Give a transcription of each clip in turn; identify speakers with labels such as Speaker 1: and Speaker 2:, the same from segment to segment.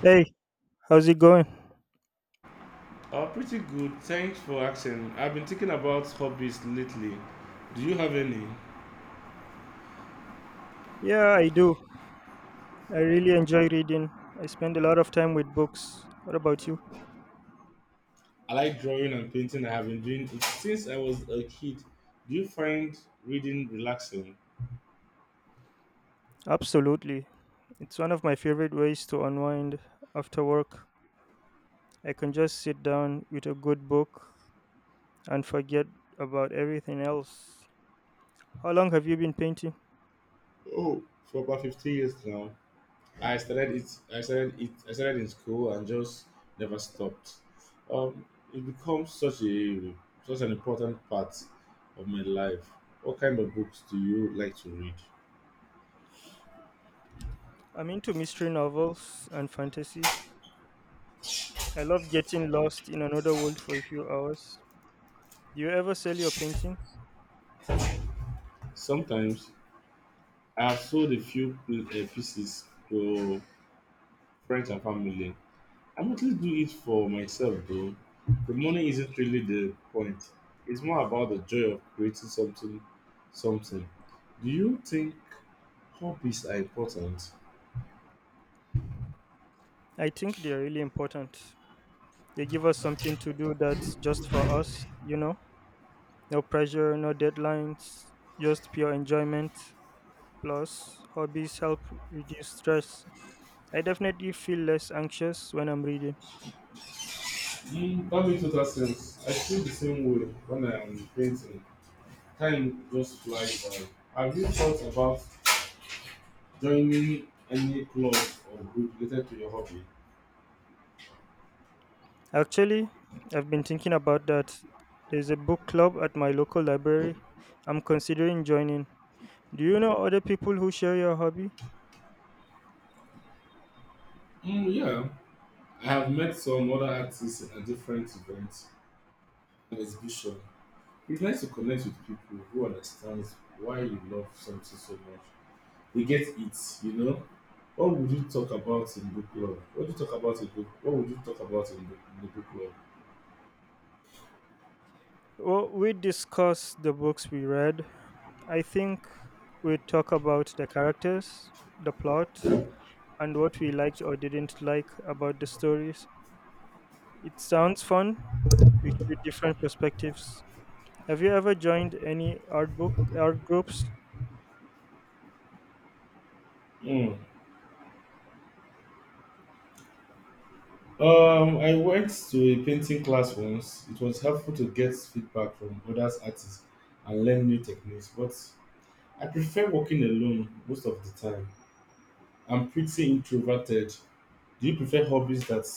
Speaker 1: Hey, how's it going?
Speaker 2: Oh, pretty good. Thanks for asking. I've been thinking about hobbies lately. Do you have any?
Speaker 1: Yeah, I do. I really enjoy reading. I spend a lot of time with books. What about you?
Speaker 2: I like drawing and painting. I have been doing it since I was a kid. Do you find reading relaxing?
Speaker 1: Absolutely. It's one of my favorite ways to unwind after work. I can just sit down with a good book and forget about everything else. How long have you been painting?
Speaker 2: Oh, for about 15 years now. I started it. I started it. I started in school and just never stopped. Um, it becomes such an important part of my life. What kind of books do you like to read?
Speaker 1: I'm into mystery novels and fantasies. I love getting lost in another world for a few hours. Do you ever sell your paintings?
Speaker 2: Sometimes I have sold a few pieces to friends and family. I mostly do it for myself though. The money isn't really the point. It's more about the joy of creating something. Do you think hobbies are important?
Speaker 1: I think they are really important. They give us something to do that's just for us, you know? No pressure, no deadlines, just pure enjoyment. Plus, hobbies help reduce stress. I definitely feel less anxious when I'm reading.
Speaker 2: Mm, that makes total sense. I feel the same way when I am painting. Time just flies by. Have you thought about joining any club or group related to your hobby?
Speaker 1: Actually, I've been thinking about that. There's a book club at my local library. I'm considering joining. Do you know other people who share your hobby?
Speaker 2: Mm, yeah, I have met some other artists at different events and exhibitions. It's nice to connect with people who understand why you love something so much. They get it. What would you talk about in book club? What do you talk about in book? What would you talk about in the book
Speaker 1: Well, we discuss the books we read. I think we talk about the characters, the plot,
Speaker 2: club?
Speaker 1: and what we liked or didn't like about the stories. It sounds fun to hear different perspectives. Have you ever joined any art book art groups?
Speaker 2: Mm. I went to a painting class once. It was helpful to get feedback from other artists and learn new techniques, but I prefer working alone most of the time. I'm pretty introverted. Do you prefer hobbies that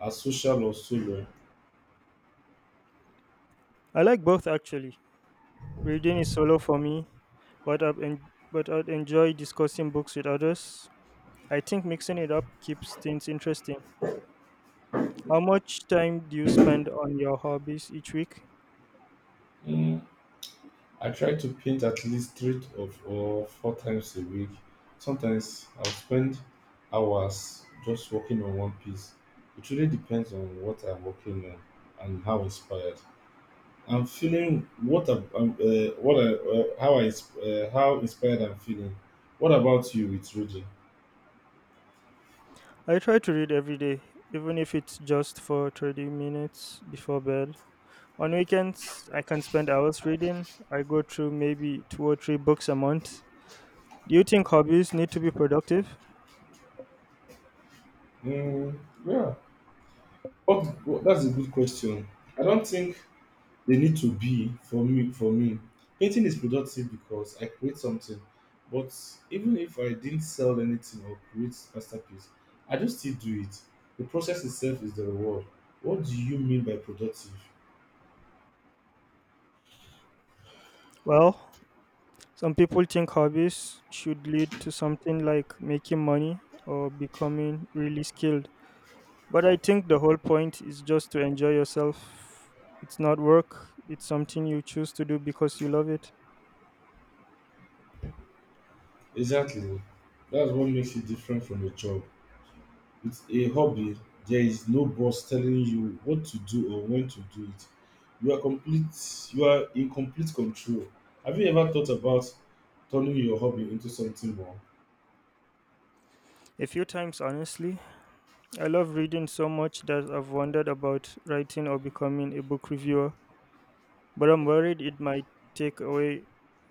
Speaker 2: are social or solo?
Speaker 1: I like both actually. Reading is solo for me, but I'd enjoy discussing books with others. I think mixing it up keeps things interesting. How much time do you spend on your hobbies each week?
Speaker 2: Mm, I try to paint at least three of or four times a week. Sometimes I'll spend hours just working on one piece. It really depends on what I'm working on and how inspired I'm feeling. What I'm, what I, how I ins- How inspired I'm feeling. What about you with Rudy?
Speaker 1: I try to read every day, even if it's just for 30 minutes before bed. On weekends, I can spend hours reading. I go through maybe two or three books a month. Do you think hobbies need to be productive?
Speaker 2: Mm, yeah, that's a good question. I don't think they need to be. For me, painting is productive because I create something, but even if I didn't sell anything or create masterpiece, I just still do it. The process itself is the reward. What do you mean by productive?
Speaker 1: Well, some people think hobbies should lead to something like making money or becoming really skilled. But I think the whole point is just to enjoy yourself. It's not work, it's something you choose to do because you love it.
Speaker 2: Exactly, that's what makes it different from a job. With a hobby, there is no boss telling you what to do or when to do it. You are in complete control. Have you ever thought about turning your hobby into something more?
Speaker 1: A few times, honestly. I love reading so much that I've wondered about writing or becoming a book reviewer, but I'm worried take away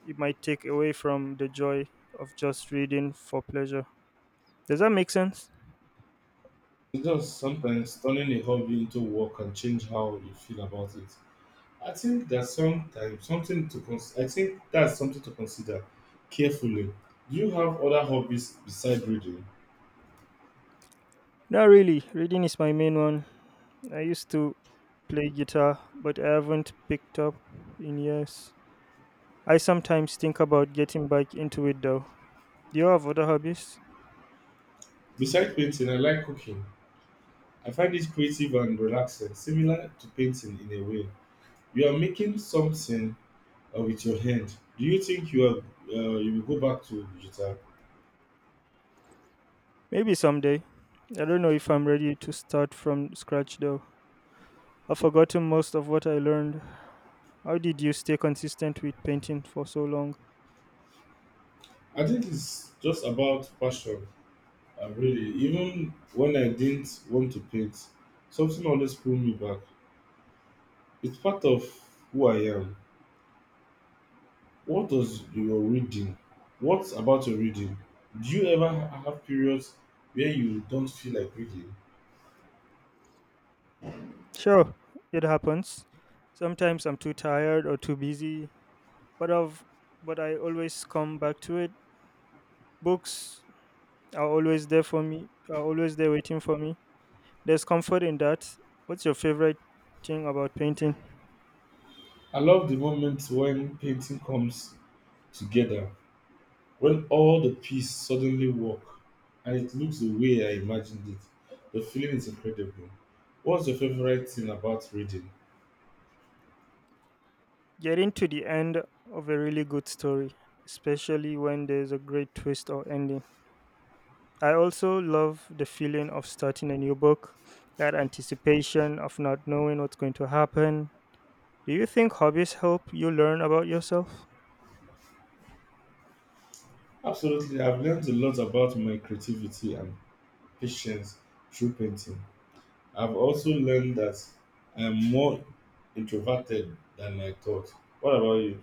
Speaker 1: it might take away from the joy of just reading for pleasure. Does that make sense?
Speaker 2: It's just sometimes turning a hobby into work can change how you feel about it. I think that's something to consider carefully. Do you have other hobbies besides reading?
Speaker 1: Not really. Reading is my main one. I used to play guitar, but I haven't picked up in years. I sometimes think about getting back into it though. Do you have other hobbies?
Speaker 2: Besides painting, I like cooking. I find it creative and relaxing, similar to painting in a way. You are making something with your hand. Do you think you are you will go back to guitar?
Speaker 1: Maybe someday. I don't know if I'm ready to start from scratch though. I've forgotten most of what I learned. How did you stay consistent with painting for so long?
Speaker 2: I think it's just about passion. I really, even when I didn't want to paint, something always pulled me back. It's part of who I am. What does your reading? What about your reading? Do you ever have periods where you don't feel like reading?
Speaker 1: Sure, it happens. Sometimes I'm too tired or too busy, but I've but I always come back to it. Books are always there for me. Are always there waiting for me. There's comfort in that. What's your favorite thing about painting?
Speaker 2: I love the moment when painting comes together, when all the pieces suddenly work and it looks the way I imagined it. The feeling is incredible. What's your favorite thing about reading?
Speaker 1: Getting to the end of a really good story, especially when there's a great twist or ending. I also love the feeling of starting a new book, that anticipation of not knowing what's going to happen. Do you think hobbies help you learn about yourself?
Speaker 2: Absolutely, I've learned a lot about my creativity and patience through painting. I've also learned that I'm more introverted than I thought. What about you?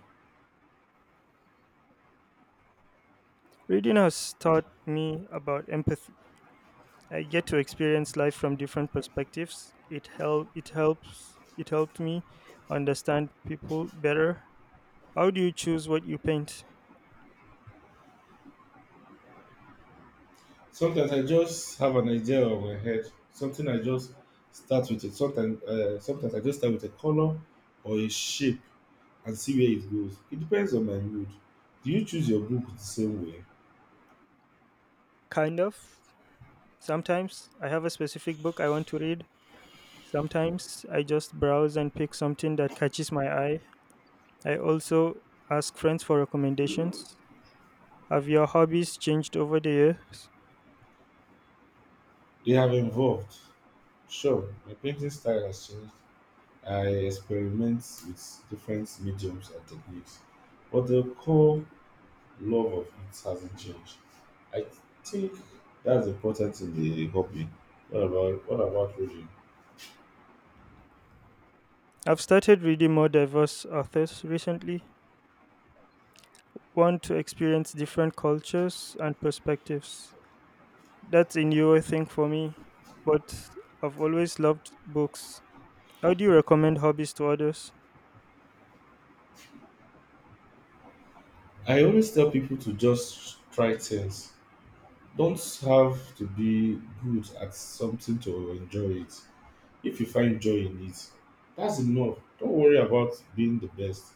Speaker 1: Reading has taught me about empathy. I get to experience life from different perspectives. It helped me understand people better. How do you choose what you paint?
Speaker 2: Sometimes I just have an idea of my head. Something I just start with it. Sometimes I just start with a color or a shape and see where it goes. It depends on my mood. Do you choose your book the same way?
Speaker 1: Kind of. Sometimes I have a specific book I want to read. Sometimes I just browse and pick something that catches my eye. I also ask friends for recommendations. Have your hobbies changed over the years?
Speaker 2: They have evolved. Sure, my painting style has changed, I experiment with different mediums and techniques, but the core love of it hasn't changed. I think that's important in the hobby. What about reading?
Speaker 1: I've started reading more diverse authors recently. Want to experience different cultures and perspectives. That's a newer thing for me, but I've always loved books. How do you recommend hobbies to others?
Speaker 2: I always tell people to just try things. Don't have to be good at something to enjoy it. If you find joy in it, that's enough. Don't worry about being the best.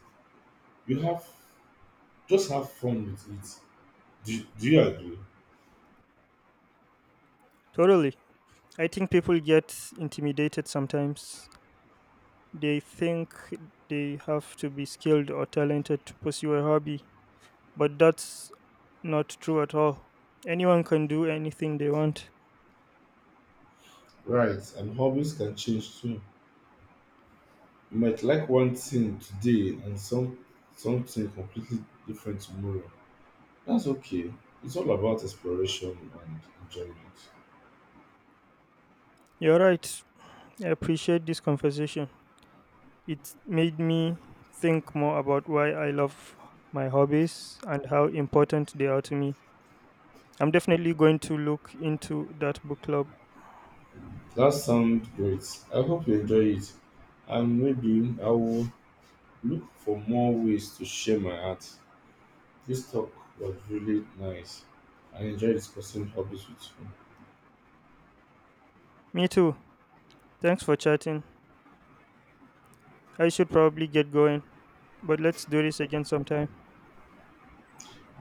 Speaker 2: You have Just have fun with it. Do you agree?
Speaker 1: Totally. I think people get intimidated sometimes. They think they have to be skilled or talented to pursue a hobby, but that's not true at all. Anyone can do anything they want.
Speaker 2: Right, and hobbies can change too. You might like one thing today and something completely different tomorrow. That's okay. It's all about exploration and enjoyment.
Speaker 1: You're right. I appreciate this conversation. It made me think more about why I love my hobbies and how important they are to me. I'm definitely going to look into that book club.
Speaker 2: That sounds great. I hope you enjoy it. And maybe I will look for more ways to share my art. This talk was really nice. I enjoyed discussing hobbies with you.
Speaker 1: Me too. Thanks for chatting. I should probably get going, but let's do this again sometime.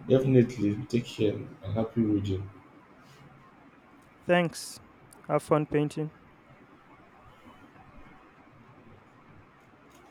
Speaker 2: Definitely take care and happy reading.
Speaker 1: Thanks. Have fun painting.